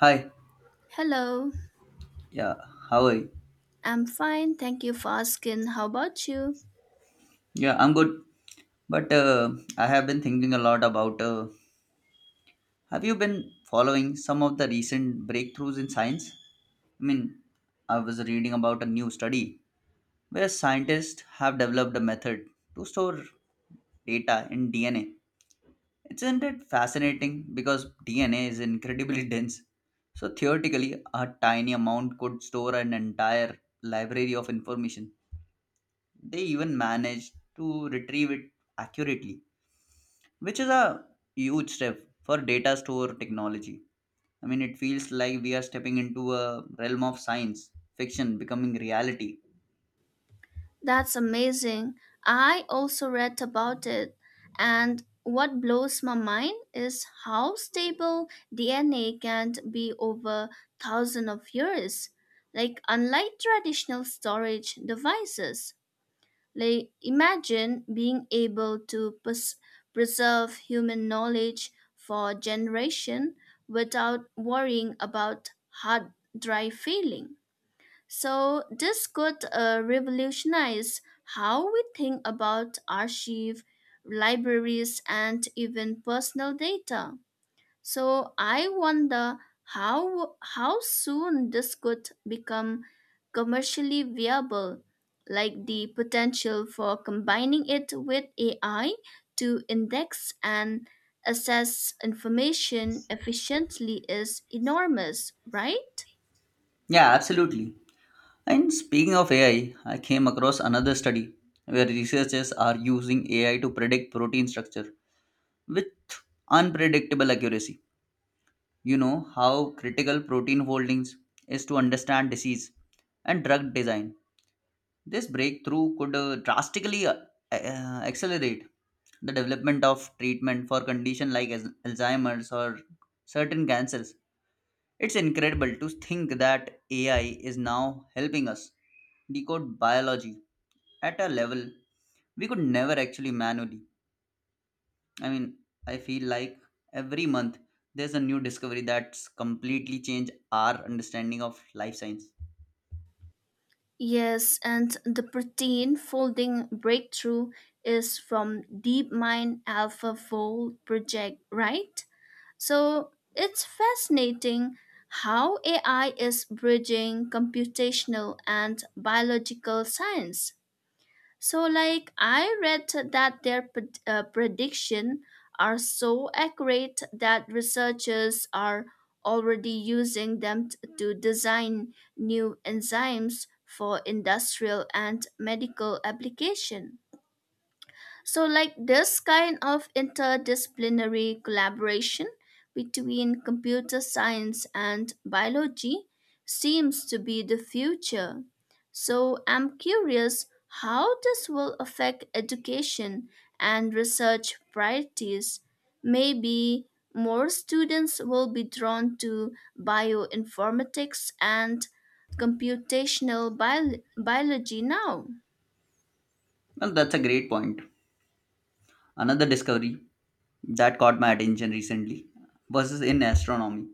Hi. Hello, Yeah. How are you? I'm fine. Thank you for asking. How about you? Yeah, I'm good. But I have been thinking a lot about. Have you been following some of the recent breakthroughs in science? I mean, I was reading about a new study where scientists have developed a method to store data in DNA. Isn't it fascinating? Because DNA is incredibly dense. So theoretically, a tiny amount could store an entire library of information. They even managed to retrieve it accurately, which is a huge step for data store technology. I mean, it feels like we are stepping into a realm of science fiction becoming reality. That's amazing. I also read about it. And what blows my mind is how stable DNA can be over thousands of years. Like, unlike traditional storage devices, like, imagine being able to preserve human knowledge for generation without worrying about hard drive failing. So this could revolutionize how we think about archive, libraries, and even personal data. So I wonder how soon this could become commercially viable, like the potential for combining it with AI to index and assess information efficiently is enormous, right? Yeah, absolutely. And speaking of AI, I came across another study where researchers are using AI to predict protein structure with unpredictable accuracy. You know how critical protein foldings is to understand disease and drug design. This breakthrough could drastically accelerate the development of treatment for conditions like Alzheimer's or certain cancers. It's incredible to think that AI is now helping us decode biology at a level we could never actually manually. I mean, I feel like every month there's a new discovery that's completely changed our understanding of life science. Yes, and the protein folding breakthrough is from DeepMind AlphaFold project, right? So it's fascinating how AI is bridging computational and biological science. So, like, I read that their prediction are so accurate that researchers are already using them to design new enzymes for industrial and medical application. So, like, this kind of interdisciplinary collaboration between computer science and biology seems to be the future. So, I'm curious how this will affect education and research priorities. Maybe more students will be drawn to bioinformatics and computational biology now. Well, that's a great point. Another discovery that caught my attention recently versus in astronomy.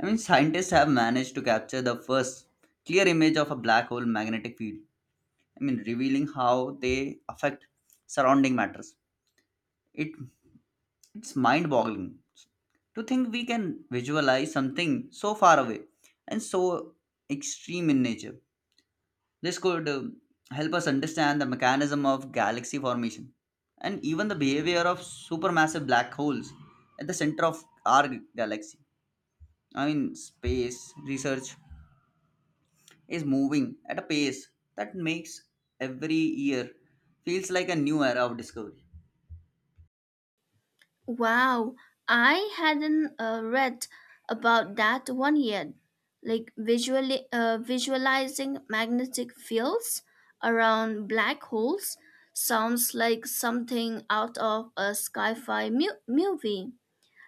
I mean, scientists have managed to capture the first clear image of a black hole magnetic field. I mean, revealing how they affect surrounding matters. It, it's mind boggling to think we can visualize something so far away and so extreme in nature. This could help us understand the mechanism of galaxy formation and even the behavior of supermassive black holes at the center of our galaxy. I mean, space research is moving at a pace that makes every year feels like a new era of discovery. Wow, I hadn't read about that one yet. Like visualizing magnetic fields around black holes sounds like something out of a sci-fi movie.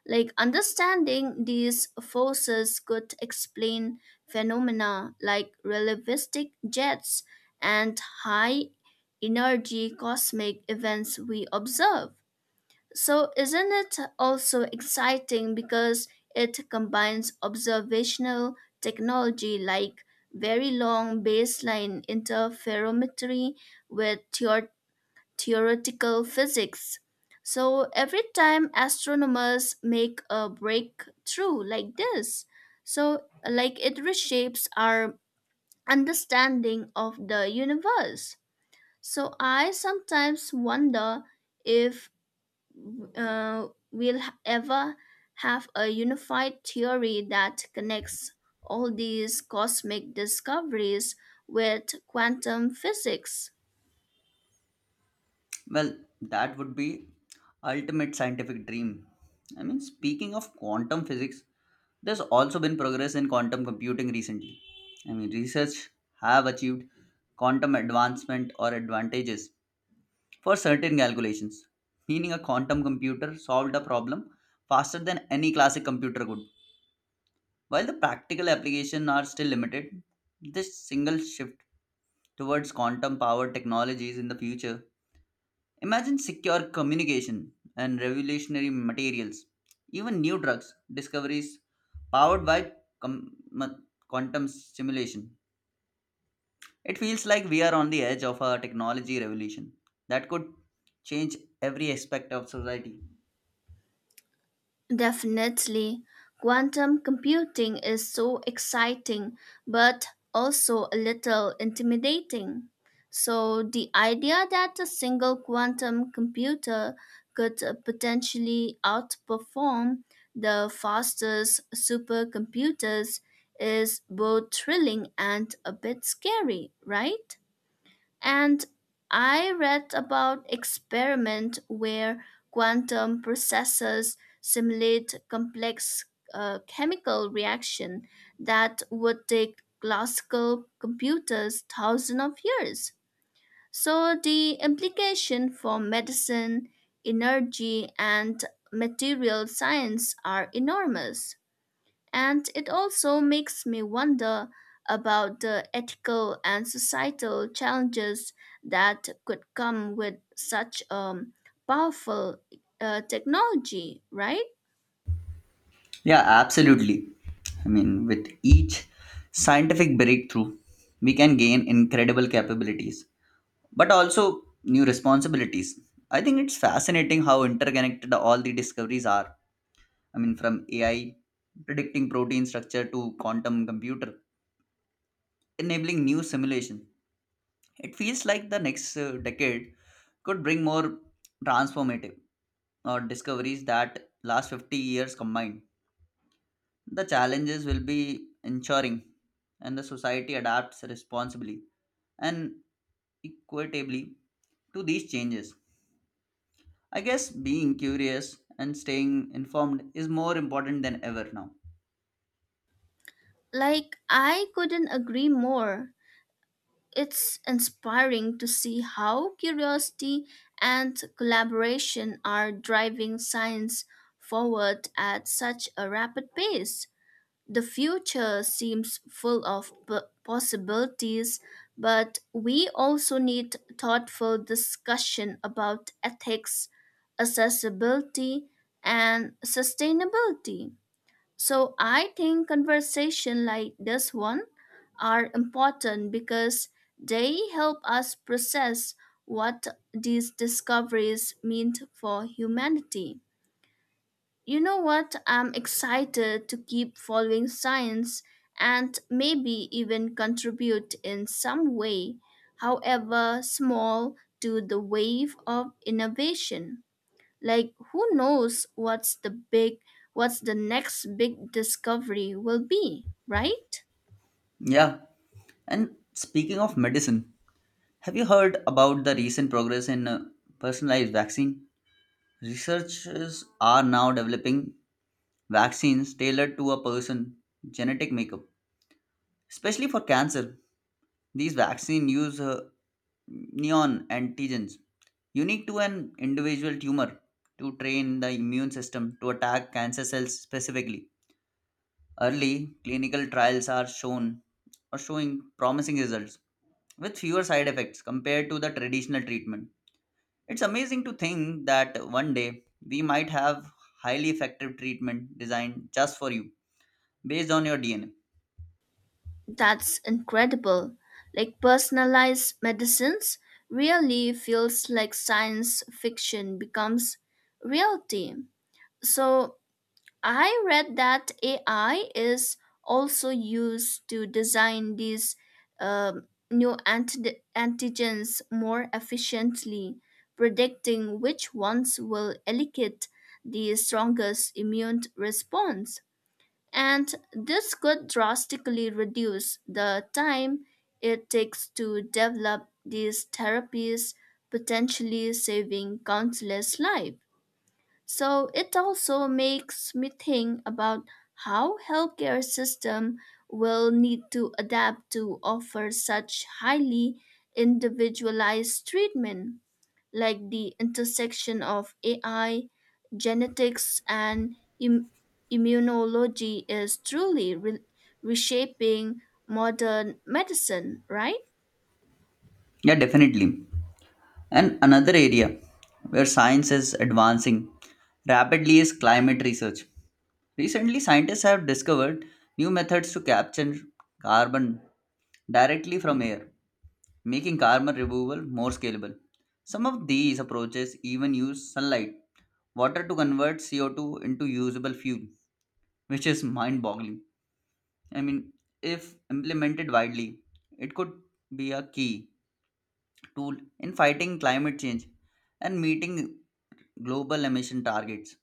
Like understanding these forces could explain phenomena like relativistic jets and high energy cosmic events we observe. So, isn't it also exciting because it combines observational technology like very long baseline interferometry with theoretical physics? So, every time astronomers make a breakthrough like this, so like it reshapes our understanding of the universe. So, I sometimes wonder if ever have a unified theory that connects all these cosmic discoveries with quantum physics. Well, that would be ultimate scientific dream. I mean, speaking of quantum physics, there's also been progress in quantum computing recently. I mean, research have achieved quantum advancement or advantages for certain calculations, meaning a quantum computer solved a problem faster than any classic computer could. While the practical applications are still limited, this single shift towards quantum powered technologies in the future. Imagine secure communication and revolutionary materials, even new drugs discoveries powered by com- ma- quantum simulation. It feels like we are on the edge of a technology revolution that could change every aspect of society. Definitely, quantum computing is so exciting but also a little intimidating. So, the idea that a single quantum computer could potentially outperform the fastest supercomputers is both thrilling and a bit scary, right? And I read about experiment where quantum processes simulate complex chemical reaction that would take classical computers thousands of years. So the implication for medicine, energy, and material science are enormous. And it also makes me wonder about the ethical and societal challenges that could come with such powerful technology, right? Yeah, absolutely. I mean, with each scientific breakthrough, we can gain incredible capabilities, but also new responsibilities. I think it's fascinating how interconnected all the discoveries are. I mean, from AI predicting protein structure to quantum computer enabling new simulation. It feels like the next decade could bring more transformative or discoveries that last 50 years combined. The challenges will be ensuring and the society adapts responsibly and equitably to these changes. I guess being curious and staying informed is more important than ever now. Like, I couldn't agree more. It's inspiring to see how curiosity and collaboration are driving science forward at such a rapid pace. The future seems full of possibilities, but we also need thoughtful discussion about ethics, accessibility, and sustainability. So I think conversation like this one are important because they help us process what these discoveries mean for humanity. You know what? I'm excited to keep following science and maybe even contribute in some way, however small, to the wave of innovation. Like, who knows what's the next big discovery will be, right? Yeah, and speaking of medicine, have you heard about the recent progress in personalized vaccine? Researchers are now developing vaccines tailored to a person's genetic makeup, especially for cancer. These vaccines use neon antigens unique to an individual tumor to train the immune system to attack cancer cells specifically. Early clinical trials are shown Are showing promising results with fewer side effects compared to the traditional treatment. It's amazing to think that one day we might have highly effective treatment designed just for you based on your DNA. That's incredible. Like personalized medicines really feels like science fiction becomes reality. So I read that AI is also used to design these new antigens more efficiently, predicting which ones will elicit the strongest immune response. And this could drastically reduce the time it takes to develop these therapies, potentially saving countless lives. So it also makes me think about how healthcare system will need to adapt to offer such highly individualized treatment, like the intersection of AI, genetics, and immunology is truly reshaping modern medicine, right? Yeah, definitely. And another area where science is advancing rapidly is climate research. Recently, scientists have discovered new methods to capture carbon directly from air, making carbon removal more scalable. Some of these approaches even use sunlight, water to convert CO2 into usable fuel, which is mind boggling. I mean, if implemented widely, it could be a key tool in fighting climate change and meeting global emission targets.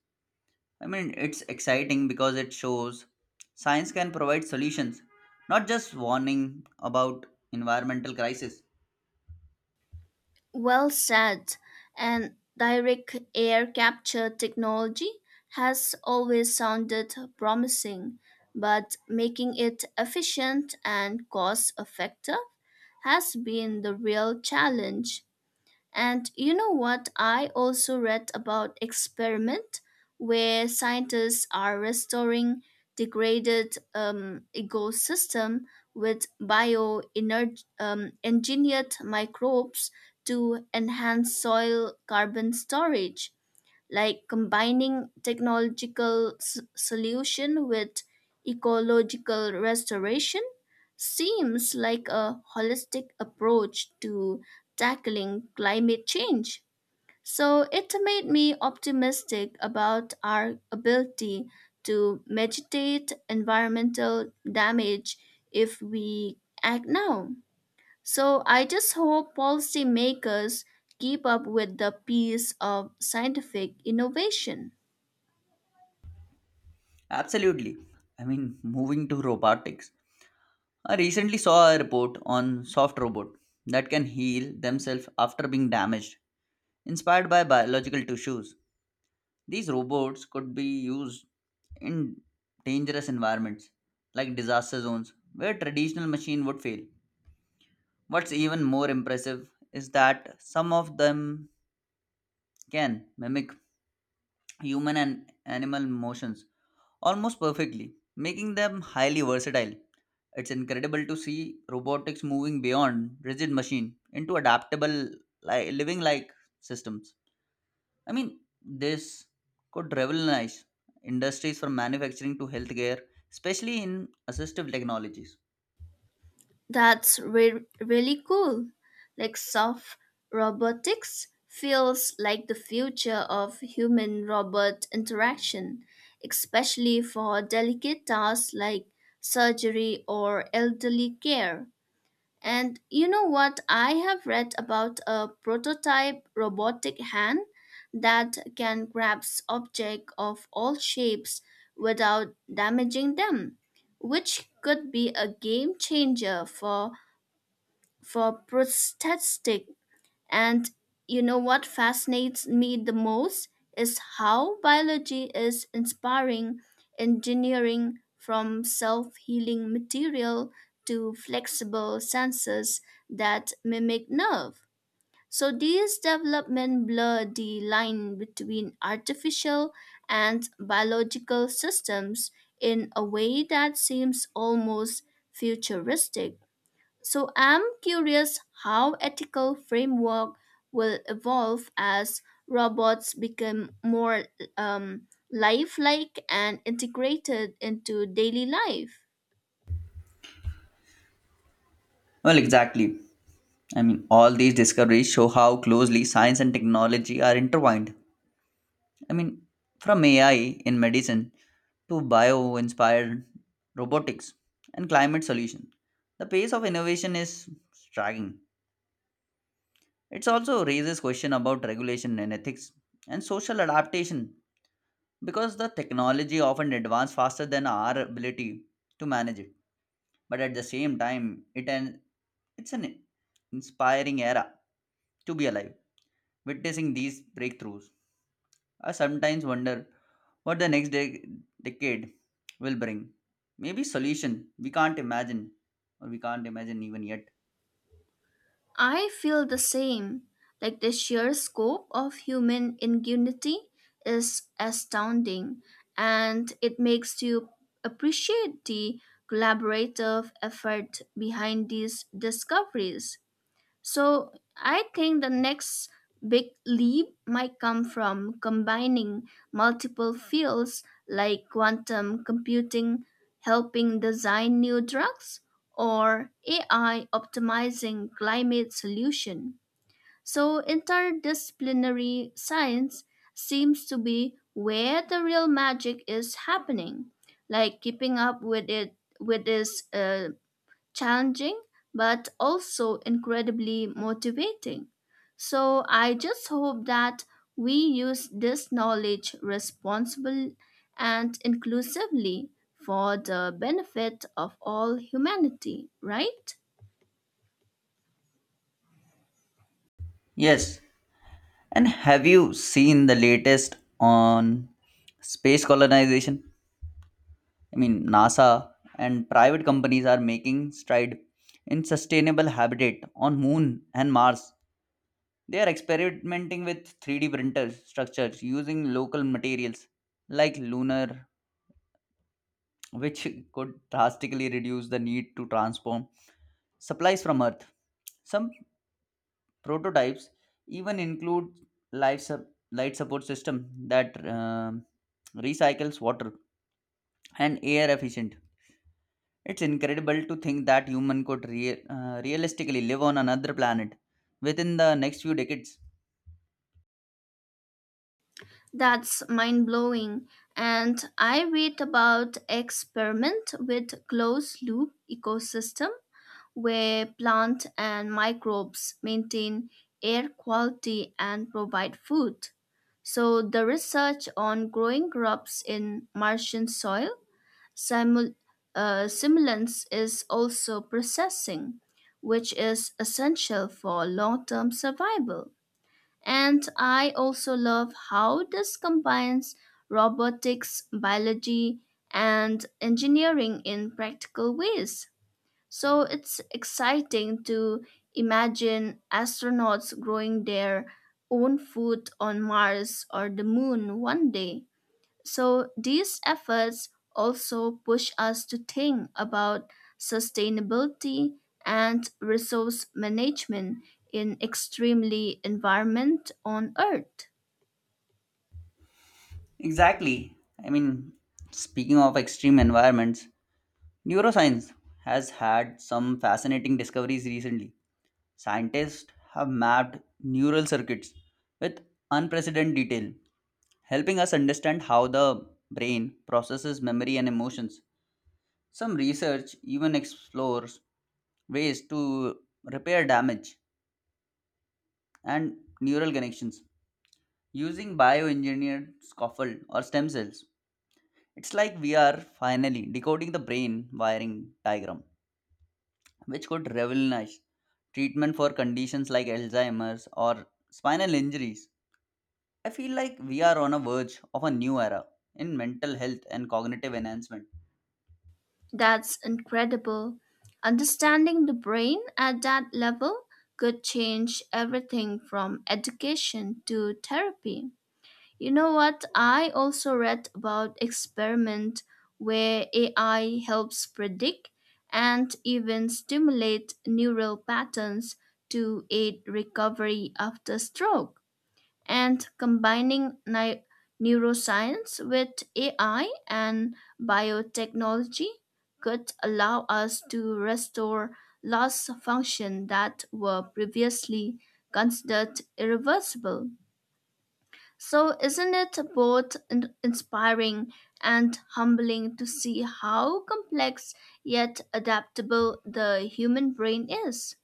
I mean, it's exciting because it shows science can provide solutions, not just warning about environmental crisis. Well said. And direct air capture technology has always sounded promising, but making it efficient and cost effective has been the real challenge. And you know what? I also read about experiment where scientists are restoring degraded ecosystem with bio engineered microbes to enhance soil carbon storage, like combining technological solution with ecological restoration seems like a holistic approach to tackling climate change. So it made me optimistic about our ability to mitigate environmental damage if we act now. So I just hope policymakers keep up with the pace of scientific innovation. Absolutely. I mean, moving to robotics. I recently saw a report on soft robot that can heal themselves after being damaged, inspired by biological tissues. These robots could be used in dangerous environments like disaster zones where traditional machine would fail. What's even more impressive is that some of them can mimic human and animal motions almost perfectly, making them highly versatile. It's incredible to see robotics moving beyond rigid machine into adaptable living like systems. I mean, this could revolutionize industries from manufacturing to healthcare, especially in assistive technologies. That's really cool. Like soft robotics feels like the future of human robot interaction, especially for delicate tasks like surgery or elderly care. And you know what? I have read about a prototype robotic hand that can grasp objects of all shapes without damaging them, which could be a game changer for prosthetic. And you know what fascinates me the most is how biology is inspiring engineering, from self healing material to flexible sensors that mimic nerve. So these developments blur the line between artificial and biological systems in a way that seems almost futuristic. So I'm curious how ethical framework will evolve as robots become more lifelike and integrated into daily life. Well, exactly. I mean, all these discoveries show how closely science and technology are intertwined. I mean, from AI in medicine to bio inspired robotics and climate solution, the pace of innovation is striking. It also raises question about regulation and ethics and social adaptation because the technology often advanced faster than our ability to manage it. But at the same time, it an it's an inspiring era to be alive witnessing these breakthroughs. I sometimes wonder what the next decade will bring. Maybe solution we can't imagine, or we can't imagine even yet. I feel the same. Like the sheer scope of human ingenuity is astounding, and it makes you appreciate the collaborative effort behind these discoveries. So I think the next big leap might come from combining multiple fields like quantum computing helping design new drugs or AI optimizing climate solution. So interdisciplinary science seems to be where the real magic is happening, like keeping up with it with its challenging but also incredibly motivating. So I just hope that we use this knowledge responsibly and inclusively for the benefit of all humanity, right? Yes, and have you seen the latest on space colonization. I mean, NASA and private companies are making stride in sustainable habitat on Moon and Mars. They are experimenting with 3D printer structures using local materials like lunar, which could drastically reduce the need to transform supplies from Earth. Some prototypes even include light support system that recycles water and air efficient. It's incredible to think that human could realistically live on another planet within the next few decades. That's mind blowing. And I read about experiment with closed loop ecosystem where plant and microbes maintain air quality and provide food. So the research on growing crops in Martian soil simul- simulants is also processing, which is essential for long-term survival. And I also love how this combines robotics, biology, and engineering in practical ways. So it's exciting to imagine astronauts growing their own food on Mars or the moon one day. So these efforts also push us to think about sustainability and resource management in extremely environment on earth. Exactly. I mean, speaking of extreme environments, neuroscience has had some fascinating discoveries recently. Scientists have mapped neural circuits with unprecedented detail, helping us understand how the brain processes memory and emotions. Some research even explores ways to repair damage and neural connections using bioengineered scaffold or stem cells. It's like we are finally decoding the brain wiring diagram, which could revolutionize treatment for conditions like Alzheimer's or spinal injuries. I feel like we are on a verge of a new era in mental health and cognitive enhancement. That's incredible. Understanding the brain at that level could change everything from education to therapy. You know what? I also read about experiment where AI helps predict and even stimulate neural patterns to aid recovery after stroke. And combining neuroscience with AI and biotechnology could allow us to restore lost function that were previously considered irreversible. So, isn't it both inspiring and humbling to see how complex yet adaptable the human brain is?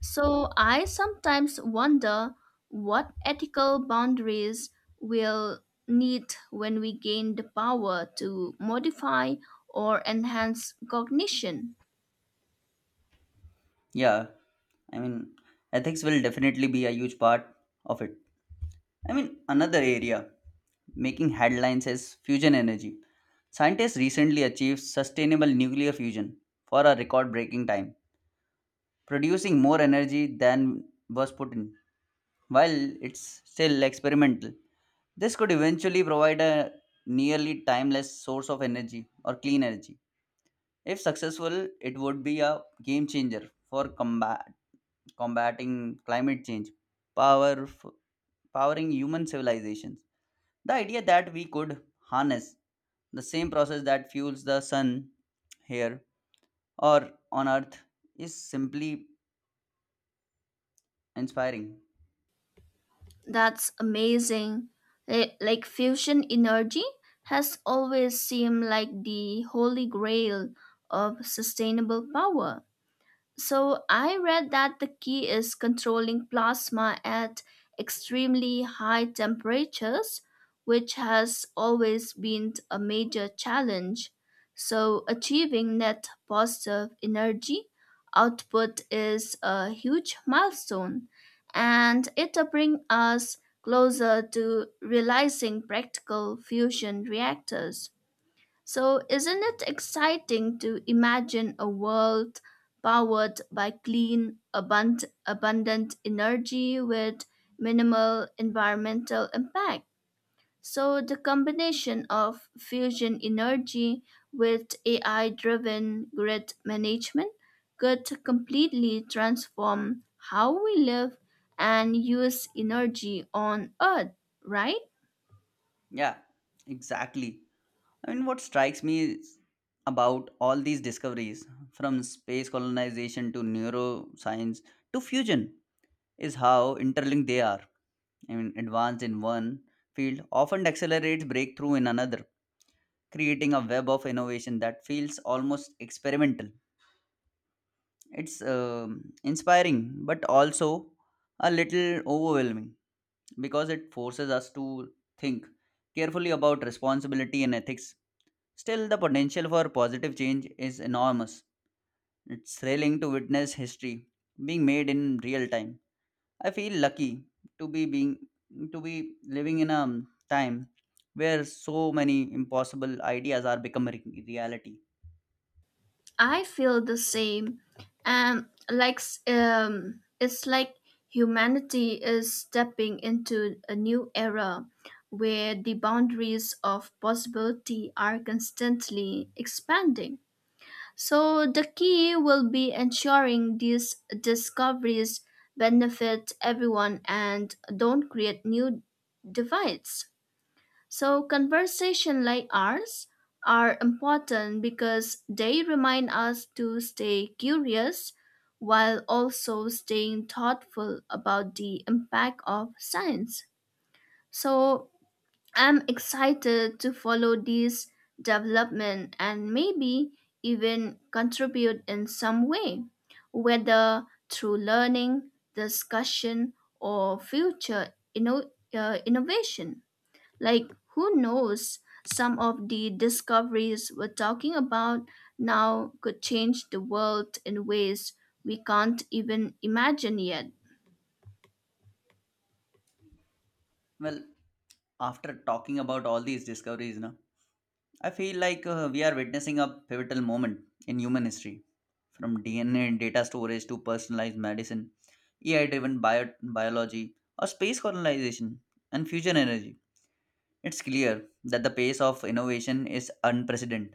So, I sometimes wonder what ethical boundaries we'll need when we gain the power to modify or enhance cognition. Yeah, I mean, ethics will definitely be a huge part of it. I mean, another area making headlines is fusion energy. Scientists recently achieved sustainable nuclear fusion for a record breaking time, producing more energy than was put in. While it's still experimental, this could eventually provide a nearly timeless source of energy or clean energy. If successful, it would be a game changer for combating climate change, power, powering human civilizations. The idea that we could harness the same process that fuels the sun here or on earth is simply inspiring. That's amazing. Like fusion energy has always seemed like the holy grail of sustainable power. So I read that the key is controlling plasma at extremely high temperatures, which has always been a major challenge. So achieving net positive energy output is a huge milestone, and it brings us closer to realizing practical fusion reactors. So, isn't it exciting to imagine a world powered by clean, abundant energy with minimal environmental impact? So, the combination of fusion energy with AI driven grid management could completely transform how we live and use energy on Earth, right? Yeah, exactly. I mean, what strikes me is about all these discoveries from space colonization to neuroscience to fusion is how interlinked they are. I mean, advance in one field often accelerates breakthrough in another, creating a web of innovation that feels almost experimental. It's inspiring, but also a little overwhelming because it forces us to think carefully about responsibility and ethics. Still, the potential for positive change is enormous. It's thrilling to witness history being made in real time. I feel lucky to be being to be living in a time where so many impossible ideas are becoming reality. I feel the same. And it's like humanity is stepping into a new era where the boundaries of possibility are constantly expanding. So the key will be ensuring these discoveries benefit everyone and don't create new divides. So, conversations like ours are important because they remind us to stay curious while also staying thoughtful about the impact of science. So, I'm excited to follow this development and maybe even contribute in some way, whether through learning, discussion, or future innovation. Like, who knows? Some of the discoveries we're talking about now could change the world in ways we can't even imagine yet. Well, after talking about all these discoveries, no? I feel like we are witnessing a pivotal moment in human history from DNA and data storage to personalized medicine, AI driven biology, or space colonization and fusion energy. It's clear that the pace of innovation is unprecedented.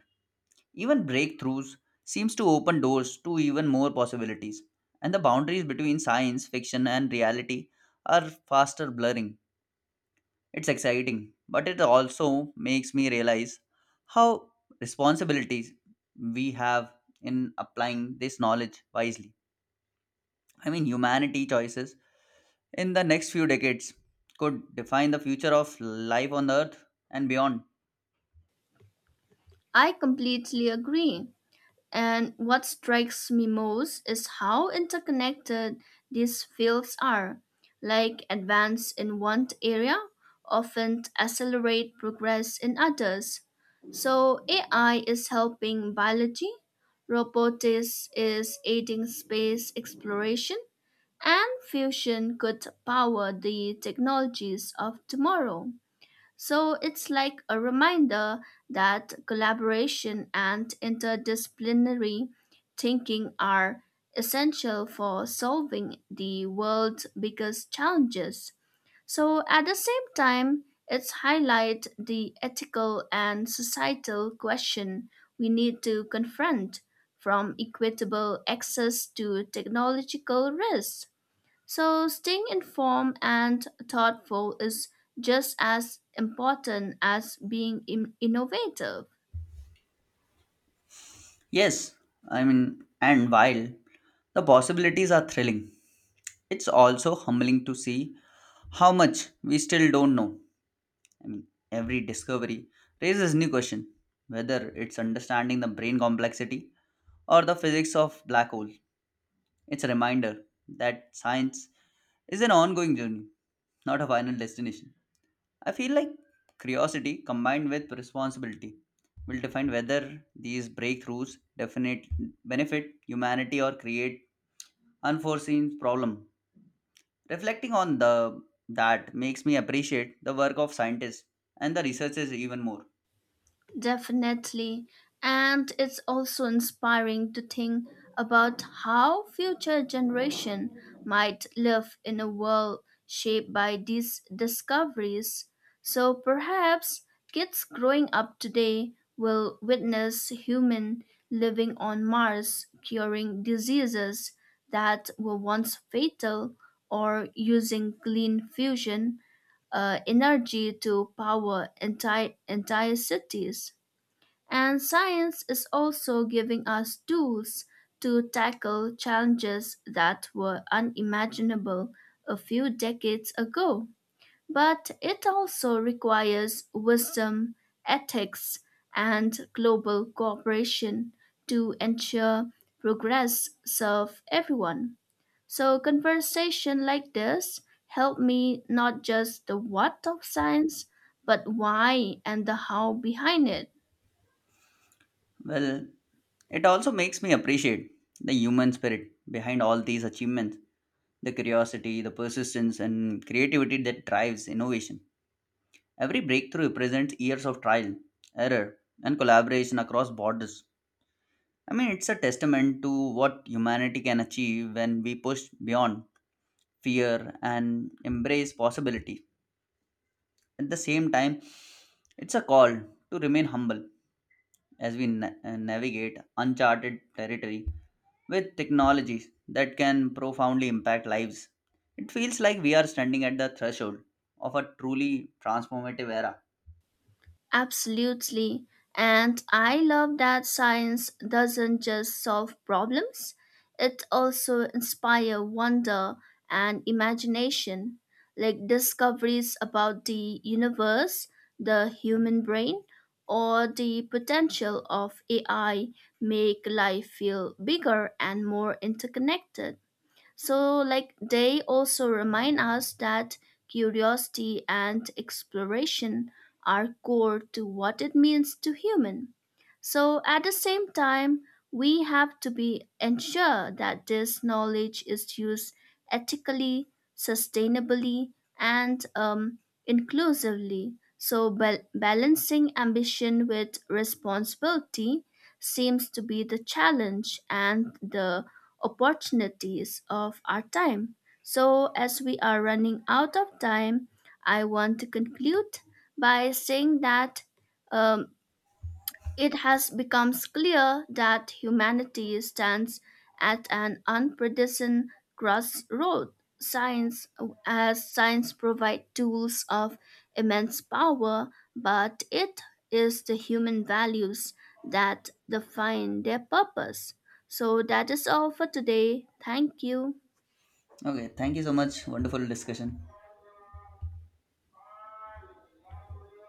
Even breakthroughs seems to open doors to even more possibilities, and the boundaries between science fiction and reality are faster blurring. It's exciting, but it also makes me realize how responsibilities we have in applying this knowledge wisely. I mean, humanity choices in the next few decades could define the future of life on Earth and beyond. I completely agree. And what strikes me most is how interconnected these fields are. Like advance in one area often accelerate progress in others. So AI is helping biology, robotics is aiding space exploration, and fusion could power the technologies of tomorrow. So it's like a reminder that collaboration and interdisciplinary thinking are essential for solving the world's biggest challenges. So at the same time, it's highlight the ethical and societal question we need to confront from equitable access to technological risks. So, staying informed and thoughtful is just as important as being innovative. Yes, I mean, and while the possibilities are thrilling, it's also humbling to see how much we still don't know. I mean, every discovery raises new question, whether it's understanding the brain complexity or the physics of black holes. It's a reminder that science is an ongoing journey, not a final destination. I feel like curiosity combined with responsibility will define whether these breakthroughs definite benefit humanity or create unforeseen problem. Reflecting on the that makes me appreciate the work of scientists and the researchers even more. Definitely. And it's also inspiring to think about how future generation might live in a world shaped by these discoveries. So perhaps kids growing up today will witness human living on Mars curing diseases that were once fatal or using clean fusion energy to power entire cities. And science is also giving us tools to tackle challenges that were unimaginable a few decades ago. But it also requires wisdom, ethics, and global cooperation to ensure progress serves everyone. So conversation like this help me not just the what of science, but why and the how behind it. Well, it also makes me appreciate the human spirit behind all these achievements the curiosity, the persistence, and creativity that drives innovation. Every breakthrough represents years of trial, error, and collaboration across borders. I mean, it's a testament to what humanity can achieve when we push beyond fear and embrace possibility. At the same time, it's a call to remain humble as we navigate uncharted territory with technologies that can profoundly impact lives. It feels like we are standing at the threshold of a truly transformative era. Absolutely. And I love that science doesn't just solve problems, it also inspires wonder and imagination, like discoveries about the universe, the human brain, or the potential of AI make life feel bigger and more interconnected. So, like, they also remind us that curiosity and exploration are core to what it means to human. So, at the same time, we have to be ensure that this knowledge is used ethically, sustainably, and inclusively. So, balancing ambition with responsibility seems to be the challenge and the opportunities of our time. So, as we are running out of time, I want to conclude by saying that um, it has become clear that humanity stands at an unprecedented crossroad. Science, as science provides tools of immense power, but it is the human values that define their purpose. So that is all for today. Thank you. Okay, thank you so much. Wonderful discussion.